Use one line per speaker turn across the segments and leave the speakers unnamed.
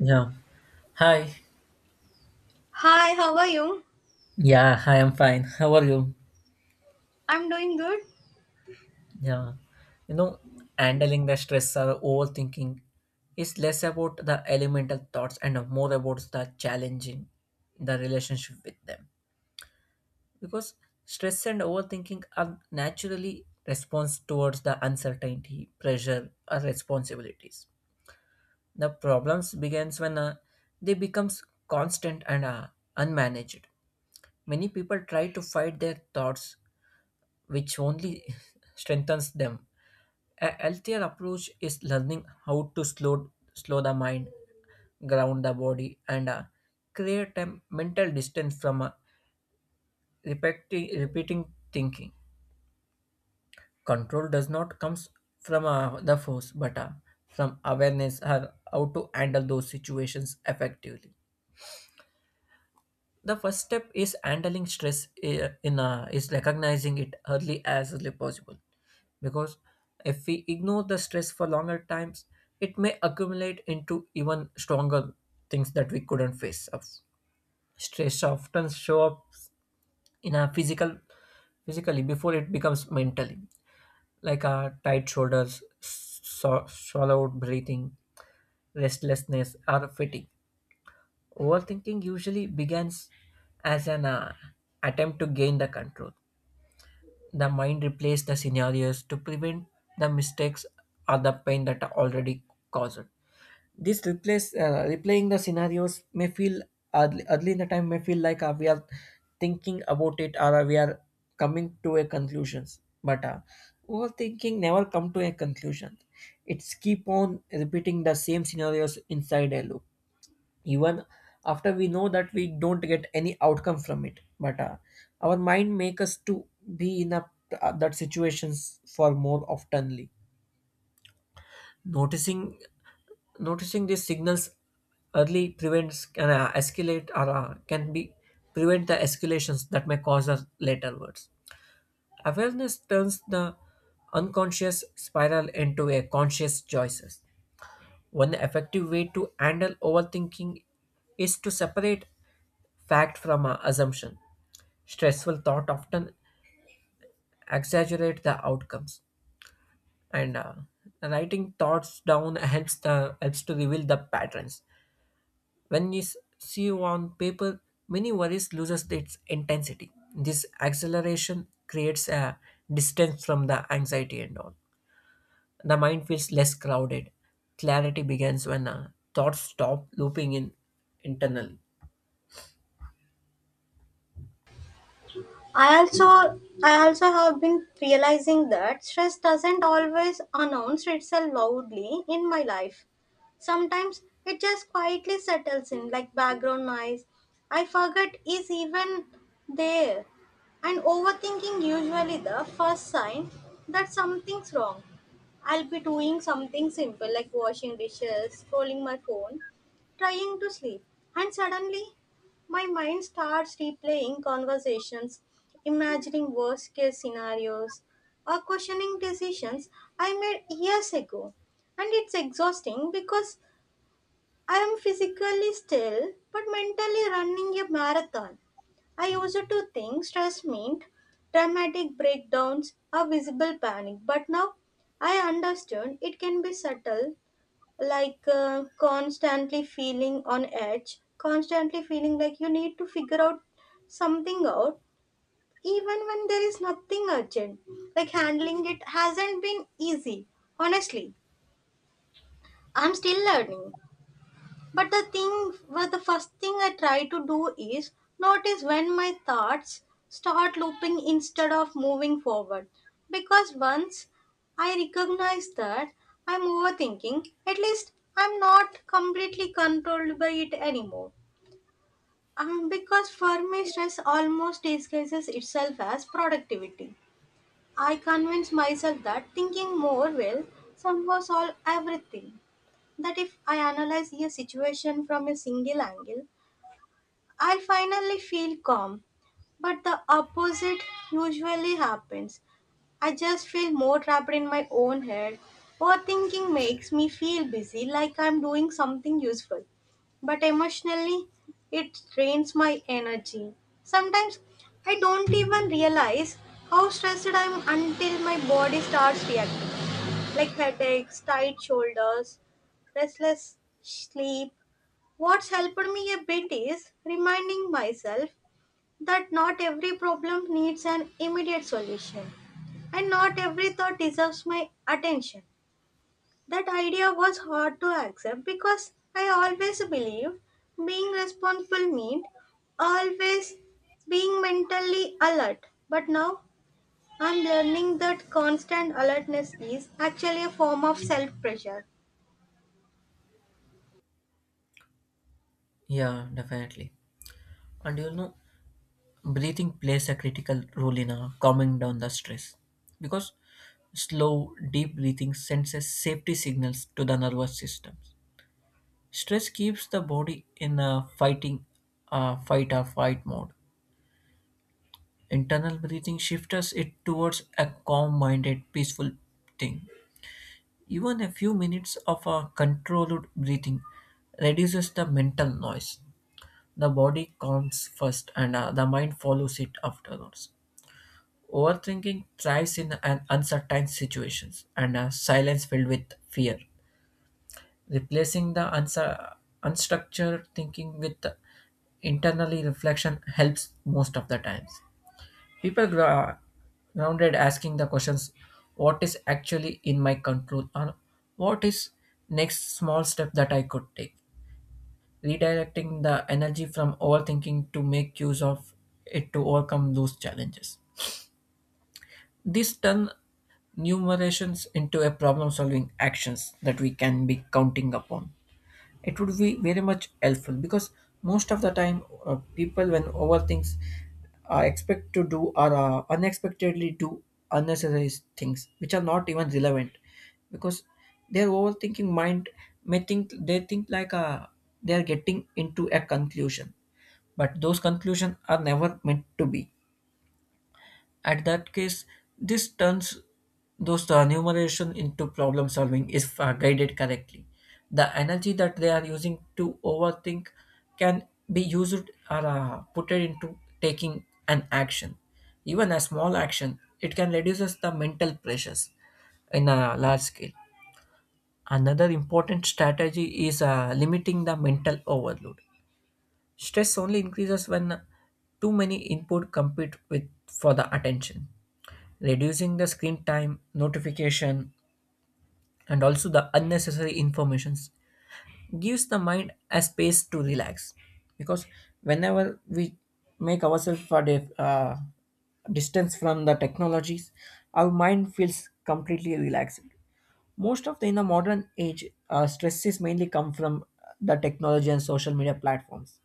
Yeah. Hi.
Hi, how are you?
Yeah, hi, I'm fine. How are you?
I'm doing good.
Yeah. You know, handling the stress or overthinking is less about the elemental thoughts and more about the challenging the relationship with them. Because stress and overthinking are naturally response towards the uncertainty, pressure, or responsibilities. The problems begins when they becomes constant and unmanaged. Many people try to fight their thoughts which only strengthens them. A healthier approach is learning how to slow the mind, ground the body, and create a mental distance from repeating thinking. Control does not comes from the force, but from awareness or how to handle those situations effectively. The first step is handling stress is recognizing it early as early possible, because if we ignore the stress for longer times, it may accumulate into even stronger things that we couldn't face up. Stress often show up in our physically before it becomes mentally, like our tight shoulders, swallowed breathing, restlessness or fatigue. Overthinking usually begins as an attempt to gain the control. The mind replays the scenarios to prevent the mistakes or the pain that are already caused. This replace Replaying the scenarios may feel early in the time, may feel like we are thinking about it, or we are coming to a conclusions. But overthinking never come to a conclusion. It's keep on repeating the same scenarios inside a loop, even after we know that we don't get any outcome from it. But our mind make us to be in a, that situations for more oftenly, noticing noticing these signals early prevents, can escalate, or can be prevent the escalations that may cause us later words. Awareness turns the unconscious spiral into a conscious choices. One effective way to handle overthinking is to separate fact from assumption. Stressful thought often exaggerate the outcomes, and writing thoughts down helps to reveal the patterns. When you see on paper, many worries loses its intensity. This acceleration creates a distance from the anxiety and all. The mind feels less crowded. Clarity begins when thoughts stop looping in internally.
I also have been realizing that stress doesn't always announce itself loudly in my life. Sometimes it just quietly settles in like background noise. I forget is even there. And overthinking usually the first sign that something's wrong. I'll be doing something simple like washing dishes, scrolling my phone, trying to sleep, and suddenly my mind starts replaying conversations, imagining worst case scenarios, or questioning decisions I made years ago. And it's exhausting because I am physically still but mentally running a marathon. I used to think stress meant dramatic breakdowns or visible panic, but now I understand it can be subtle, like constantly feeling on edge, constantly feeling like you need to figure out something out, even when there is nothing urgent. Like handling it hasn't been easy, honestly. I'm still learning, but the first thing I try to do is notice when my thoughts start looping instead of moving forward. Because once I recognize that I'm overthinking, at least I'm not completely controlled by it anymore. Because for me, stress almost disguises itself as productivity. I convince myself that thinking more will somehow solve everything, that if I analyze a situation from a single angle, I finally feel calm. But the opposite usually happens. I just feel more trapped in my own head. Overthinking makes me feel busy, like I'm doing something useful. But emotionally, it drains my energy. Sometimes I don't even realize how stressed I am until my body starts reacting, like headaches, tight shoulders, restless sleep. What's helped me a bit is reminding myself that not every problem needs an immediate solution and not every thought deserves my attention. That idea was hard to accept because I always believed being responsible meant always being mentally alert. But now I'm learning that constant alertness is actually a form of self pressure.
Yeah, definitely. And you know. Breathing plays a critical role in calming down the stress. Because slow deep breathing sends a safety signals to the nervous system, stress keeps the body in a fight or fight mode. Internal breathing shifts it towards a calm minded peaceful thing. Even a few minutes of a controlled breathing reduces the mental noise. The body calms first, and the mind follows it afterwards. Overthinking thrives in an uncertain situations and a silence filled with fear, replacing the unstructured thinking with internally reflection helps most of the times. People grow grounded asking the questions, what is actually in my control, or what is next small step that I could take. Redirecting the energy from overthinking to make use of it to overcome those challenges. This turn numerations into a problem solving actions that we can be counting upon. It would be very much helpful, because most of the time people when overthinks are expect to do or unexpectedly do unnecessary things which are not even relevant, because their overthinking mind may think they think like they are getting into a conclusion, but those conclusions are never meant to be at that case. This turns those numeration into problem solving if guided correctly. The energy that they are using to overthink can be used, or put it into taking an action. Even a small action, it can reduces the mental pressures in a large scale. Another important strategy is limiting the mental overload. Stress only increases when too many input compete with for the attention, reducing the screen time, notification, and also the unnecessary informations gives the mind a space to relax. Because whenever we make ourselves for the distance from the technologies, our mind feels completely relaxed. Most of the in the modern age, stress is mainly come from the technology and social media platforms.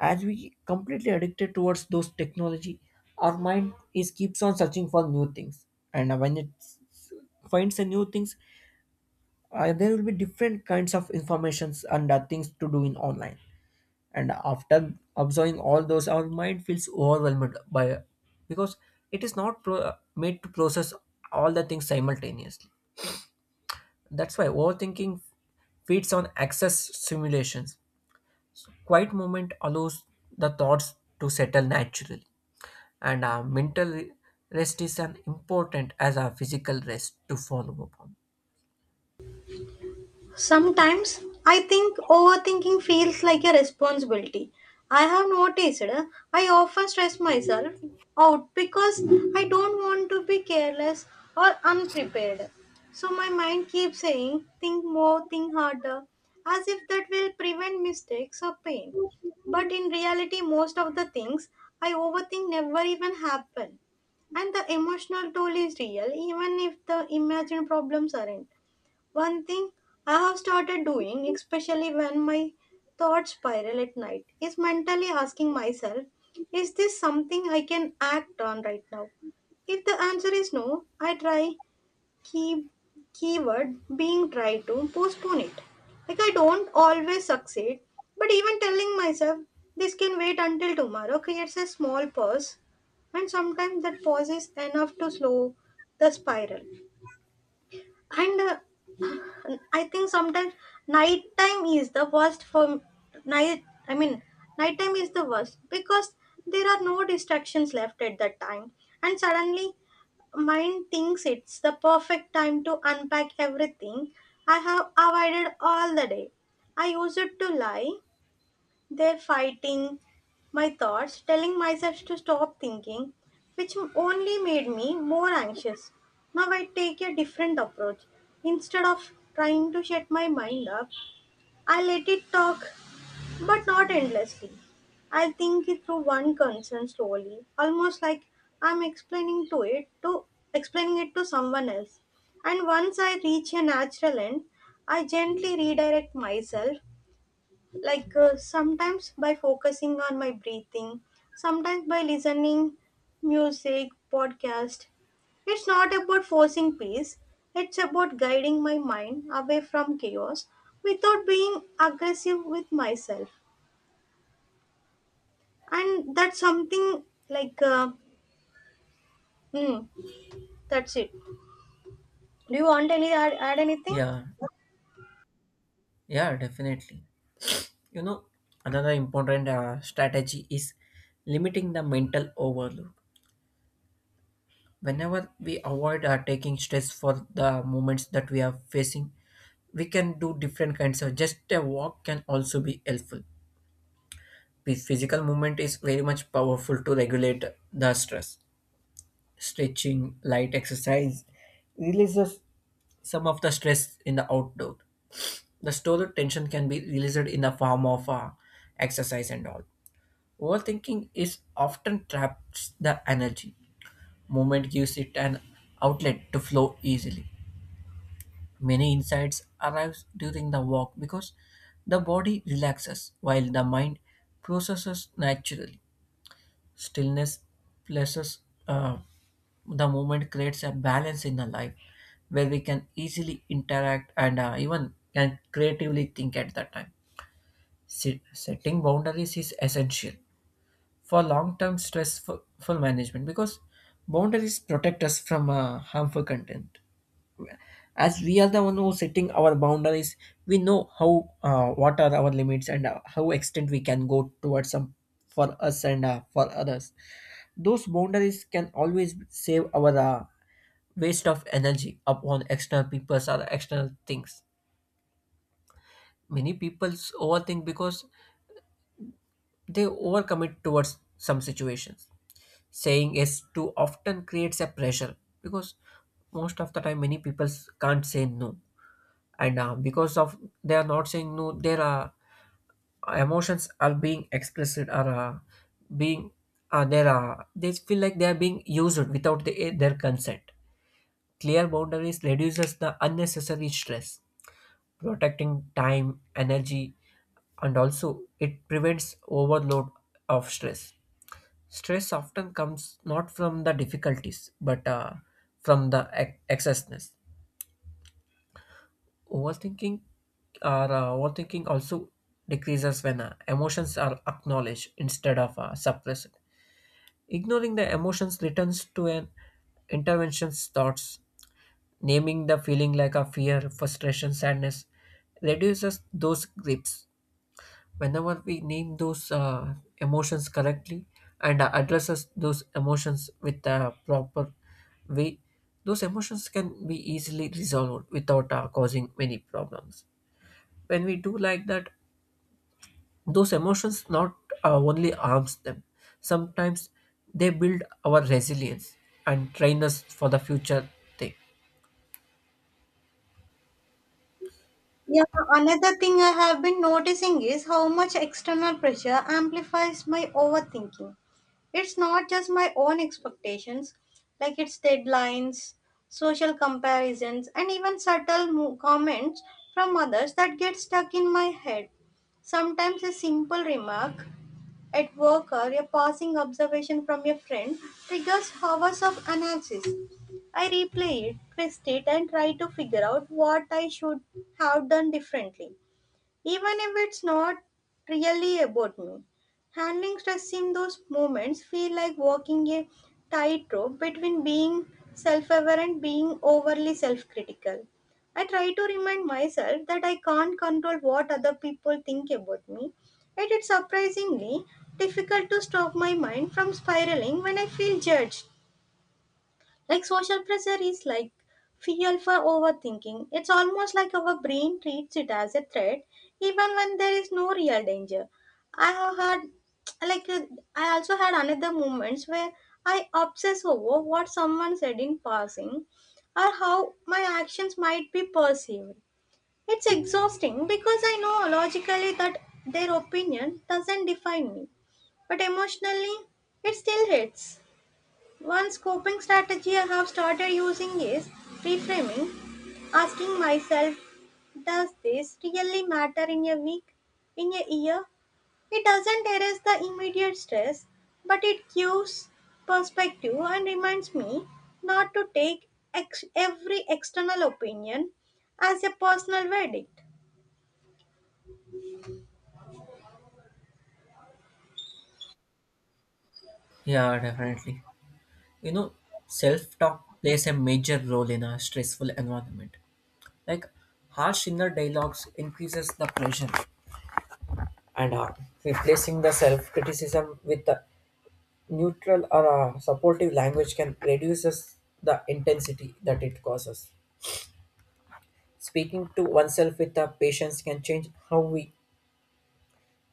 As we completely addicted towards those technology, our mind is keeps on searching for new things, and when it finds a new things, there will be different kinds of informations, and things to do in online. And after observing all those, our mind feels overwhelmed by, because it is not made to process all the things simultaneously. That's why overthinking feeds on excess simulations. Quiet moment allows the thoughts to settle naturally, and mental rest is as important as a physical rest to follow upon.
Sometimes I think overthinking feels like a responsibility. I have noticed I often stress myself out because I don't want to be careless or unprepared. So my mind keeps saying, think more, think harder, as if that will prevent mistakes or pain. But in reality, most of the things I overthink never even happen. And the emotional toll is real, even if the imagined problems aren't. One thing I have started doing, especially when my thoughts spiral at night, is mentally asking myself, is this something I can act on right now? If the answer is no, I try, key keyword being try, to postpone it. Like I don't always succeed, but even telling myself this can wait until tomorrow creates a small pause, and sometimes that pause is enough to slow the spiral. And I think sometimes nighttime is the worst for night. I mean, nighttime is the worst because there are no distractions left at that time, and suddenly mind thinks it's the perfect time to unpack everything I have avoided all the day. I used to lie they're fighting my thoughts, telling myself to stop thinking, which only made me more anxious. Now I take a different approach. Instead of trying to shut my mind up, I let it talk, but not endlessly. I think it through one concern slowly, almost like I'm explaining it to someone else. And once I reach a natural end, I gently redirect myself, like sometimes by focusing on my breathing, sometimes by listening music podcast. It's not about forcing peace, it's about guiding my mind away from chaos without being aggressive with myself. And that's something like mm, that's it. Do you want any add anything?
Yeah, yeah, definitely. You know, another important strategy is limiting the mental overload. Whenever we avoid taking stress for the moments that we are facing, we can do different kinds of. Just a walk can also be helpful. The physical movement is very much powerful to regulate the stress, stretching, light exercise releases some of the stress in the outdoor. The stored tension can be released in the form of exercise and all. Overthinking is often traps the energy. Movement gives it an outlet to flow easily. Many insights arrive during the walk because the body relaxes while the mind processes naturally. Stillness places uh, the movement creates a balance in the life where we can easily interact, and even can creatively think at that time. Setting boundaries is essential for long-term stressful full management, because boundaries protect us from harmful content. As we are the one who setting our boundaries, we know how what are our limits, and how extent we can go towards some for us, and for others. Those boundaries can always save our waste of energy upon external people or external things. Many people overthink because they overcommit towards some situations. Saying yes too often creates a pressure, because most of the time many people can't say no, and because of they are not saying no, their emotions are being expressed, or being there are they feel like they are being used without their consent. Clear boundaries reduces the unnecessary stress, protecting time, energy, and also it prevents overload of stress. Stress often comes not from the difficulties, but from the excessness. Overthinking Overthinking also decreases when emotions are acknowledged instead of suppressed. Ignoring the emotions returns to an intervention's thoughts. Naming the feeling, like a fear, frustration, sadness, reduces those grips. Whenever we name those emotions correctly, and addresses those emotions with the proper way, those emotions can be easily resolved without causing many problems. When we do like that, those emotions not only arms them, sometimes they build our resilience and train us for the future thing.
Yeah, another thing I have been noticing is how much external pressure amplifies my overthinking. It's not just my own expectations, like it's deadlines, social comparisons, and even comments from others that get stuck in my head. Sometimes a simple remark at work, or a passing observation from a friend triggers hours of analysis. I replay it, twist it, and try to figure out what I should have done differently, even if it's not really about me. Handling stress in those moments feel like walking a tightrope between being self-aware and being overly self-critical. I try to remind myself that I can't control what other people think about me, yet it's surprisingly difficult to stop my mind from spiraling when I feel judged. Like social pressure is like fuel for overthinking. It's almost like our brain treats it as a threat, even when there is no real danger. I have had like I also had another moments where I obsess over what someone said in passing or how my actions might be perceived. It's exhausting because I know logically that their opinion doesn't define me, but emotionally it still hits. One coping strategy I have started using is reframing, asking myself, does this really matter in a week, in a year? It doesn't erase the immediate stress, but it gives perspective and reminds me not to take every external opinion as a personal verdict.
Yeah, definitely. you know Self-talk plays a major role in a stressful environment, like harsh inner dialogues increases the pressure and harm, replacing the self-criticism with the neutral or supportive language can reduces the intensity that it causes. Speaking to oneself with the patience can change how we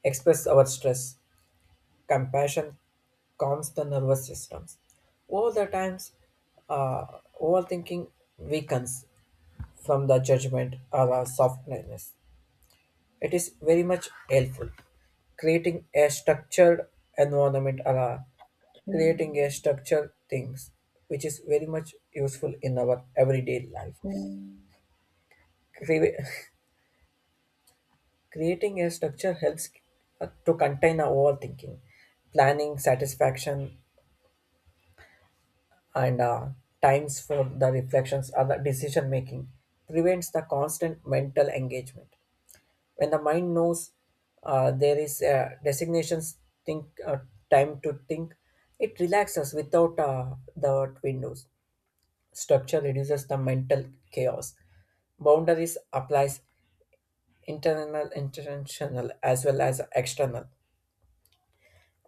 express our stress. Compassion calms the nervous systems over the times. uh, Overthinking weakens from the judgment or a softness. It is very much helpful. Creating a structured environment, or a creating a structured things, which is very much useful in our everyday life. Cre- creating a structure helps to contain our overthinking, planning, satisfaction, and times for the reflections or the decision making, prevents the constant mental engagement. When the mind knows there is a designations think time to think, it relaxes without the windows. Structure reduces the mental chaos. Boundaries applies internal, intentional as well as external.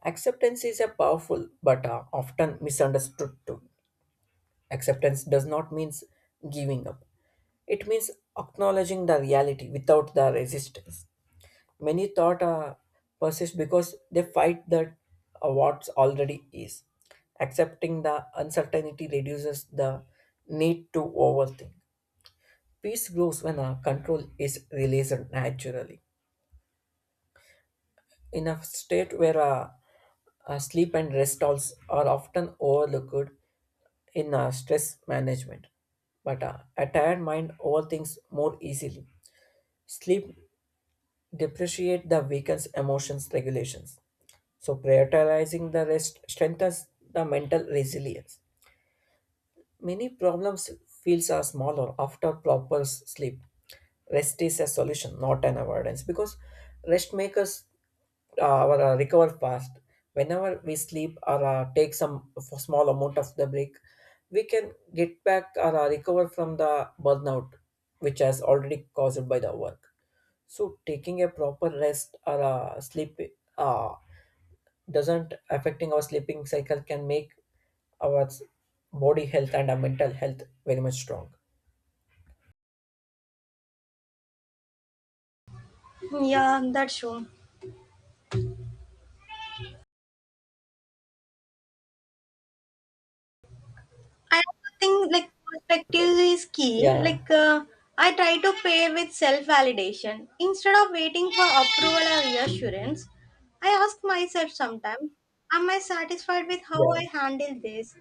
Acceptance is a powerful but often misunderstood tool. Acceptance does not mean giving up. It means acknowledging the reality without the resistance. Many thought persist because they fight that what already is. Accepting the uncertainty reduces the need to overthink. Peace grows when control is released naturally. In a state where sleep and rest also are often overlooked, in stress management. But a tired mind overthinks more easily. Sleep depreciate the weakens emotions regulations. So prioritizing the rest strengthens the mental resilience. Many problems feels are smaller after proper sleep. Rest is a solution, not an avoidance, because rest makes us our recover fast whenever we sleep or take some small amount of the break. We can get back or recover from the burnout which has already caused by the work. So taking a proper rest or sleep uh, doesn't affecting our sleeping cycle can make our s- body health and our mental health very much strong.
Yeah, that's true. I also think like perspective is key.
Yeah,
Like I try to pay with self-validation instead of waiting for approval or reassurance. I ask myself sometimes, am I satisfied with how I
yeah,
handle this?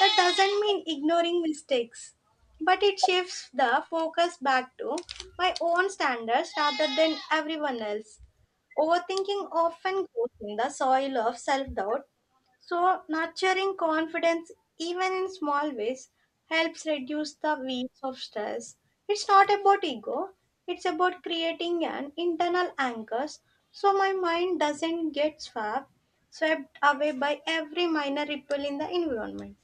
That doesn't mean ignoring mistakes, but it shifts the focus back to my own standards rather than everyone else. Overthinking often goes in the soil of self doubt, so nurturing confidence, even in small ways, helps reduce the waves of stress. It's not about ego, it's about creating an internal anchor, so my mind doesn't get swept away by every minor ripple in the environment.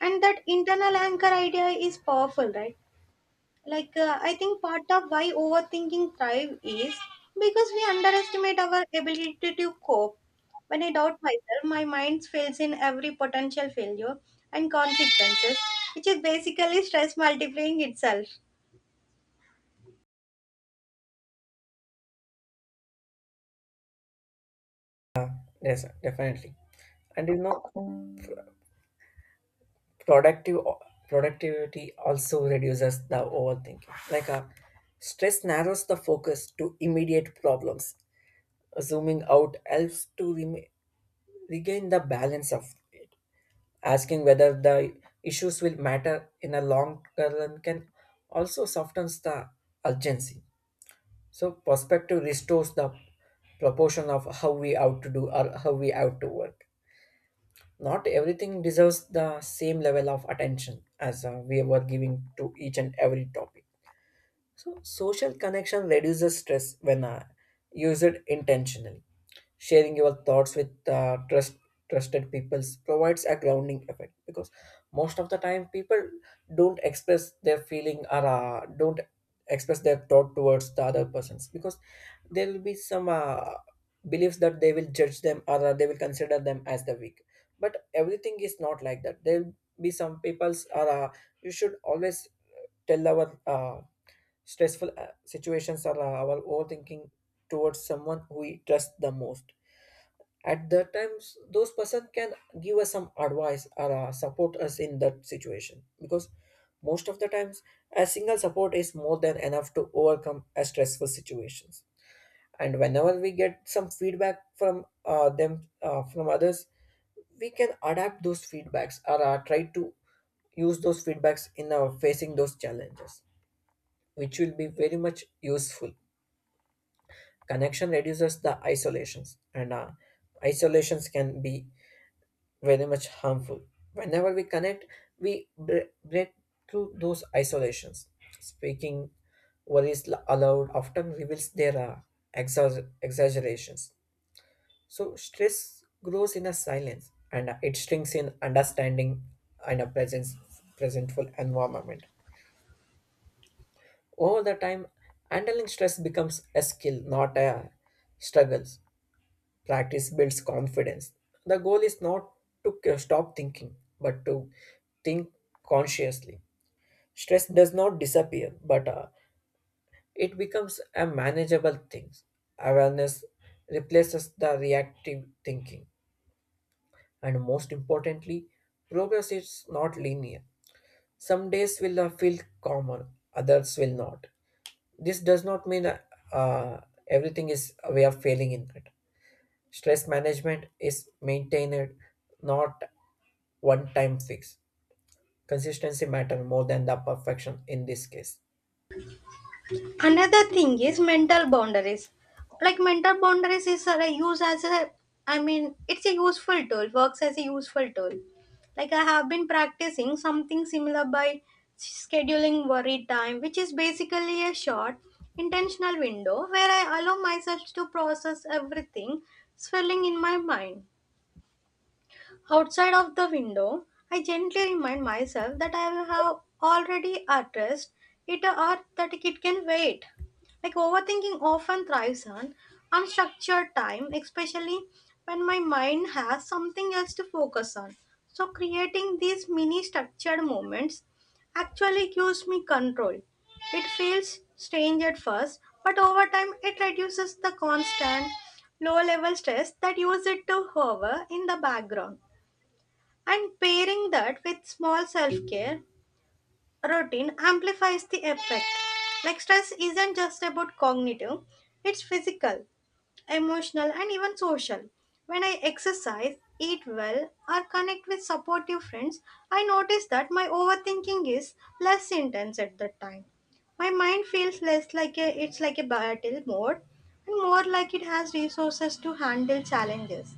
And that internal anchor idea is powerful, right? Like I think part of why overthinking thrive is because we underestimate our ability to cope. When I doubt myself, my mind fails in every potential failure and consequences, which is basically stress multiplying itself.
yes, definitely. And you know, productive productivity also reduces the overthinking. Like a stress narrows the focus to immediate problems. Zooming out helps to regain the balance of it. Asking whether the issues will matter in a long run can also softens the urgency. So perspective restores the proportion of how we have to do or how we have to work. Not everything deserves the same level of attention as we were giving to each and every topic. So, social connection reduces stress when used intentionally. Sharing your thoughts with trusted people provides a grounding effect, because most of the time people don't express their feeling or don't express their thought towards the other persons, because there will be some beliefs that they will judge them or they will consider them as the weak. But everything is not like that. There will be some people's are you should always tell our stressful situations are our overthinking towards someone who we trust the most. At that times, those person can give us some advice or support us in that situation, because most of the times, a single support is more than enough to overcome a stressful situations. And whenever we get some feedback from them, from others, we can adapt those feedbacks or try to use those feedbacks in facing those challenges, which will be very much useful. Connection reduces the isolations, and isolations can be very much harmful. Whenever we connect, we break through those isolations. Speaking what is allowed often reveals their exaggerations. So stress grows in a silence, and it shrinks in understanding and a presentful environment. Over the time, handling stress becomes a skill, not a struggle. Practice builds confidence. The goal is not to stop thinking, but to think consciously. Stress does not disappear, but it becomes a manageable thing. Awareness replaces the reactive thinking. And most importantly, progress is not linear. Some days will feel calmer, others will not. This does not mean uh, everything is we are failing in it. Stress management is maintained, not one time fix. Consistency matter more than the perfection in this case.
Another thing is mental boundaries. Like mental boundaries is used as a I mean it's a useful tool, works as a useful tool. Like I have been practicing something similar by scheduling worry time, which is basically a short intentional window where I allow myself to process everything swirling in my mind. Outside of the window, I gently remind myself that I have already addressed it or that it can wait. Like overthinking often thrives on unstructured time, especially when my mind has something else to focus on. So, creating these mini structured moments actually gives me control. It feels strange at first, but over time it reduces the constant low level stress that uses it to hover in the background. And pairing that with small self care routine amplifies the effect. Like stress isn't just about cognitive, it's physical, emotional, and even social. When I exercise, eat well, or connect with supportive friends, I notice that my overthinking is less intense at that time. My mind feels it's like a battle mode and more like it has resources to handle challenges.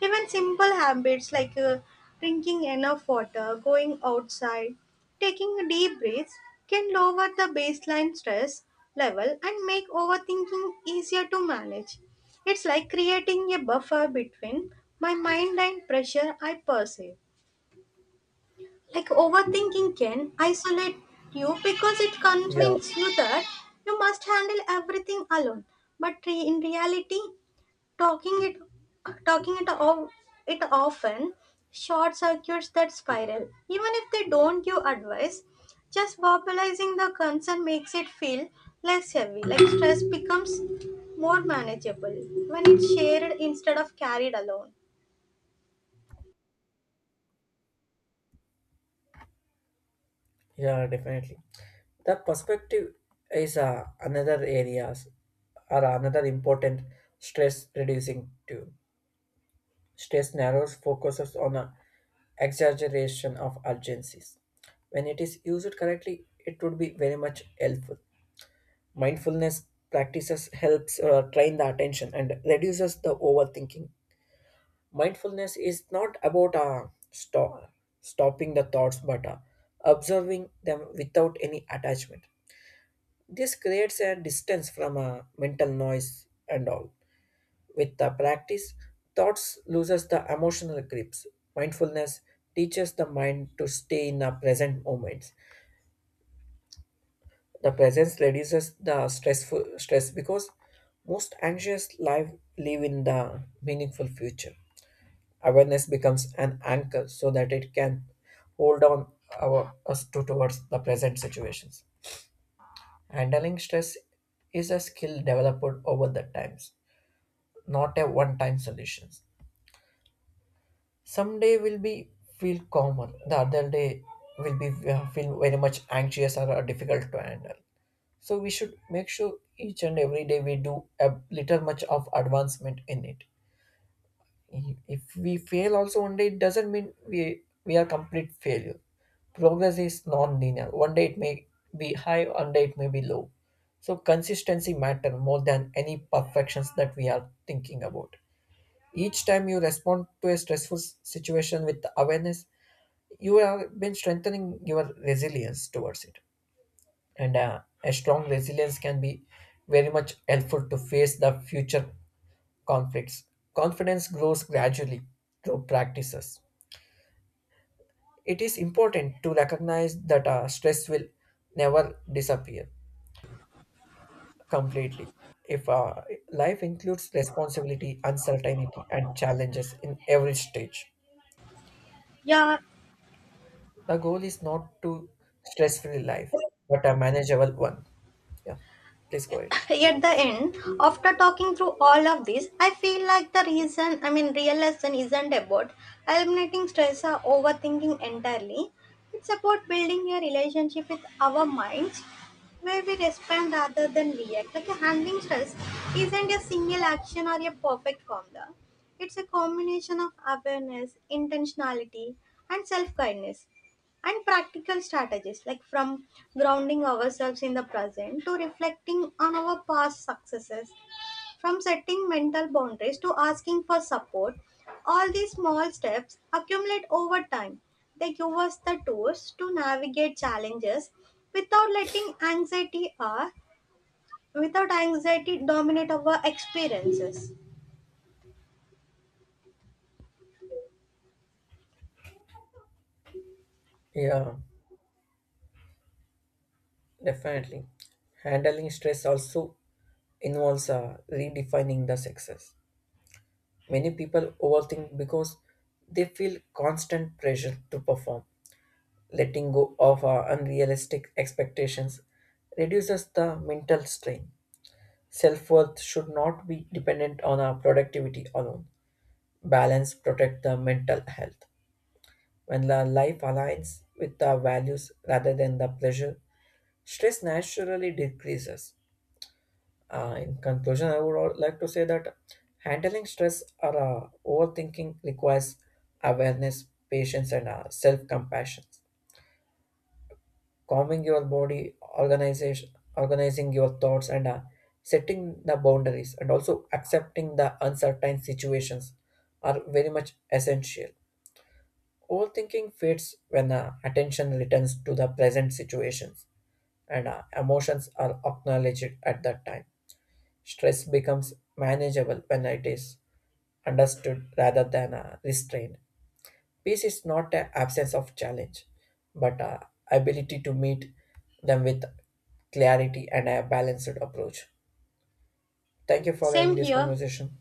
Even simple habits like drinking enough water, going outside, taking a deep breaths, can lower the baseline stress level and make overthinking easier to manage. It's like creating a buffer between my mind and pressure I perceive. Like overthinking can isolate you because it
Yeah,
convinces you that you must handle everything alone. But in reality, Talking it talking it of it often short circuits that spiral. Even if they don't give advice, just verbalizing the concern makes it feel less heavy, like stress becomes more manageable when it's shared instead of carried alone.
yeah, definitely. The perspective is another areas or another important stress reducing tool. Stress narrows focuses on a exaggeration of urgencies. When it is used correctly, it would be very much helpful. Mindfulness practices helps train the attention and reduces the overthinking. Mindfulness is not about stopping the thoughts, but observing them without any attachment. This creates a distance from mental noise and all. With the practice, thoughts loses the emotional grips. Mindfulness teaches the mind to stay in the present moment. The presence reduces the stressful stress, because most anxious life live in the meaningful future. Awareness becomes an anchor so that it can hold on our us to towards the present situations. Handling stress is a skill developed over the times, not a one-time solution. Some day will be feel calmer, the other day will be feel very much anxious or difficult to handle. So we should make sure each and every day we do a little much of advancement in it. If we fail also one day, it doesn't mean we are complete failure. Progress is non-linear. One day it may be high, one day it may be low. So consistency matter more than any perfections that we are thinking about. Each time you respond to a stressful situation with awareness, you have been strengthening your resilience towards it, and a strong resilience can be very much helpful to face the future conflicts. Confidence grows gradually through practices. It is important to recognize that stress will never disappear completely. If life includes responsibility, uncertainty, and challenges in every stage,
Yeah,
the goal is not to stress free life, but a manageable one. Yeah, please go ahead.
at the end, after talking through all of this, I feel like the reason, I mean, real lesson isn't about eliminating stress or overthinking entirely. It's about building a relationship with our minds where we respond rather than react. Like a handling stress isn't a single action or a perfect formula. It's a combination of awareness, intentionality, and self kindness and practical strategies, like from grounding ourselves in the present to reflecting on our past successes, from setting mental boundaries to asking for support. All these small steps accumulate over time, they give us the tools to navigate challenges without letting anxiety or without anxiety dominate our experiences.
Yeah. Definitely. Handling stress also involves redefining the success. Many people overthink because they feel constant pressure to perform. Letting go of unrealistic expectations reduces the mental strain. Self worth should not be dependent on our productivity alone. Balance protect the mental health. When the life aligns with the values rather than the pleasure, stress naturally decreases. In conclusion, I would like to say that handling stress or overthinking requires awareness, patience, and self-compassion. Calming your body, organizing your thoughts, and setting the boundaries, and also accepting the uncertain situations are very much essential. Overthinking fades when attention returns to the present situations, and emotions are acknowledged at that time. Stress becomes manageable when it is understood rather than restrained. Peace is not an absence of challenge, but ability to meet them with clarity and a balanced approach. Thank you for having
Same
this
here.
conversation.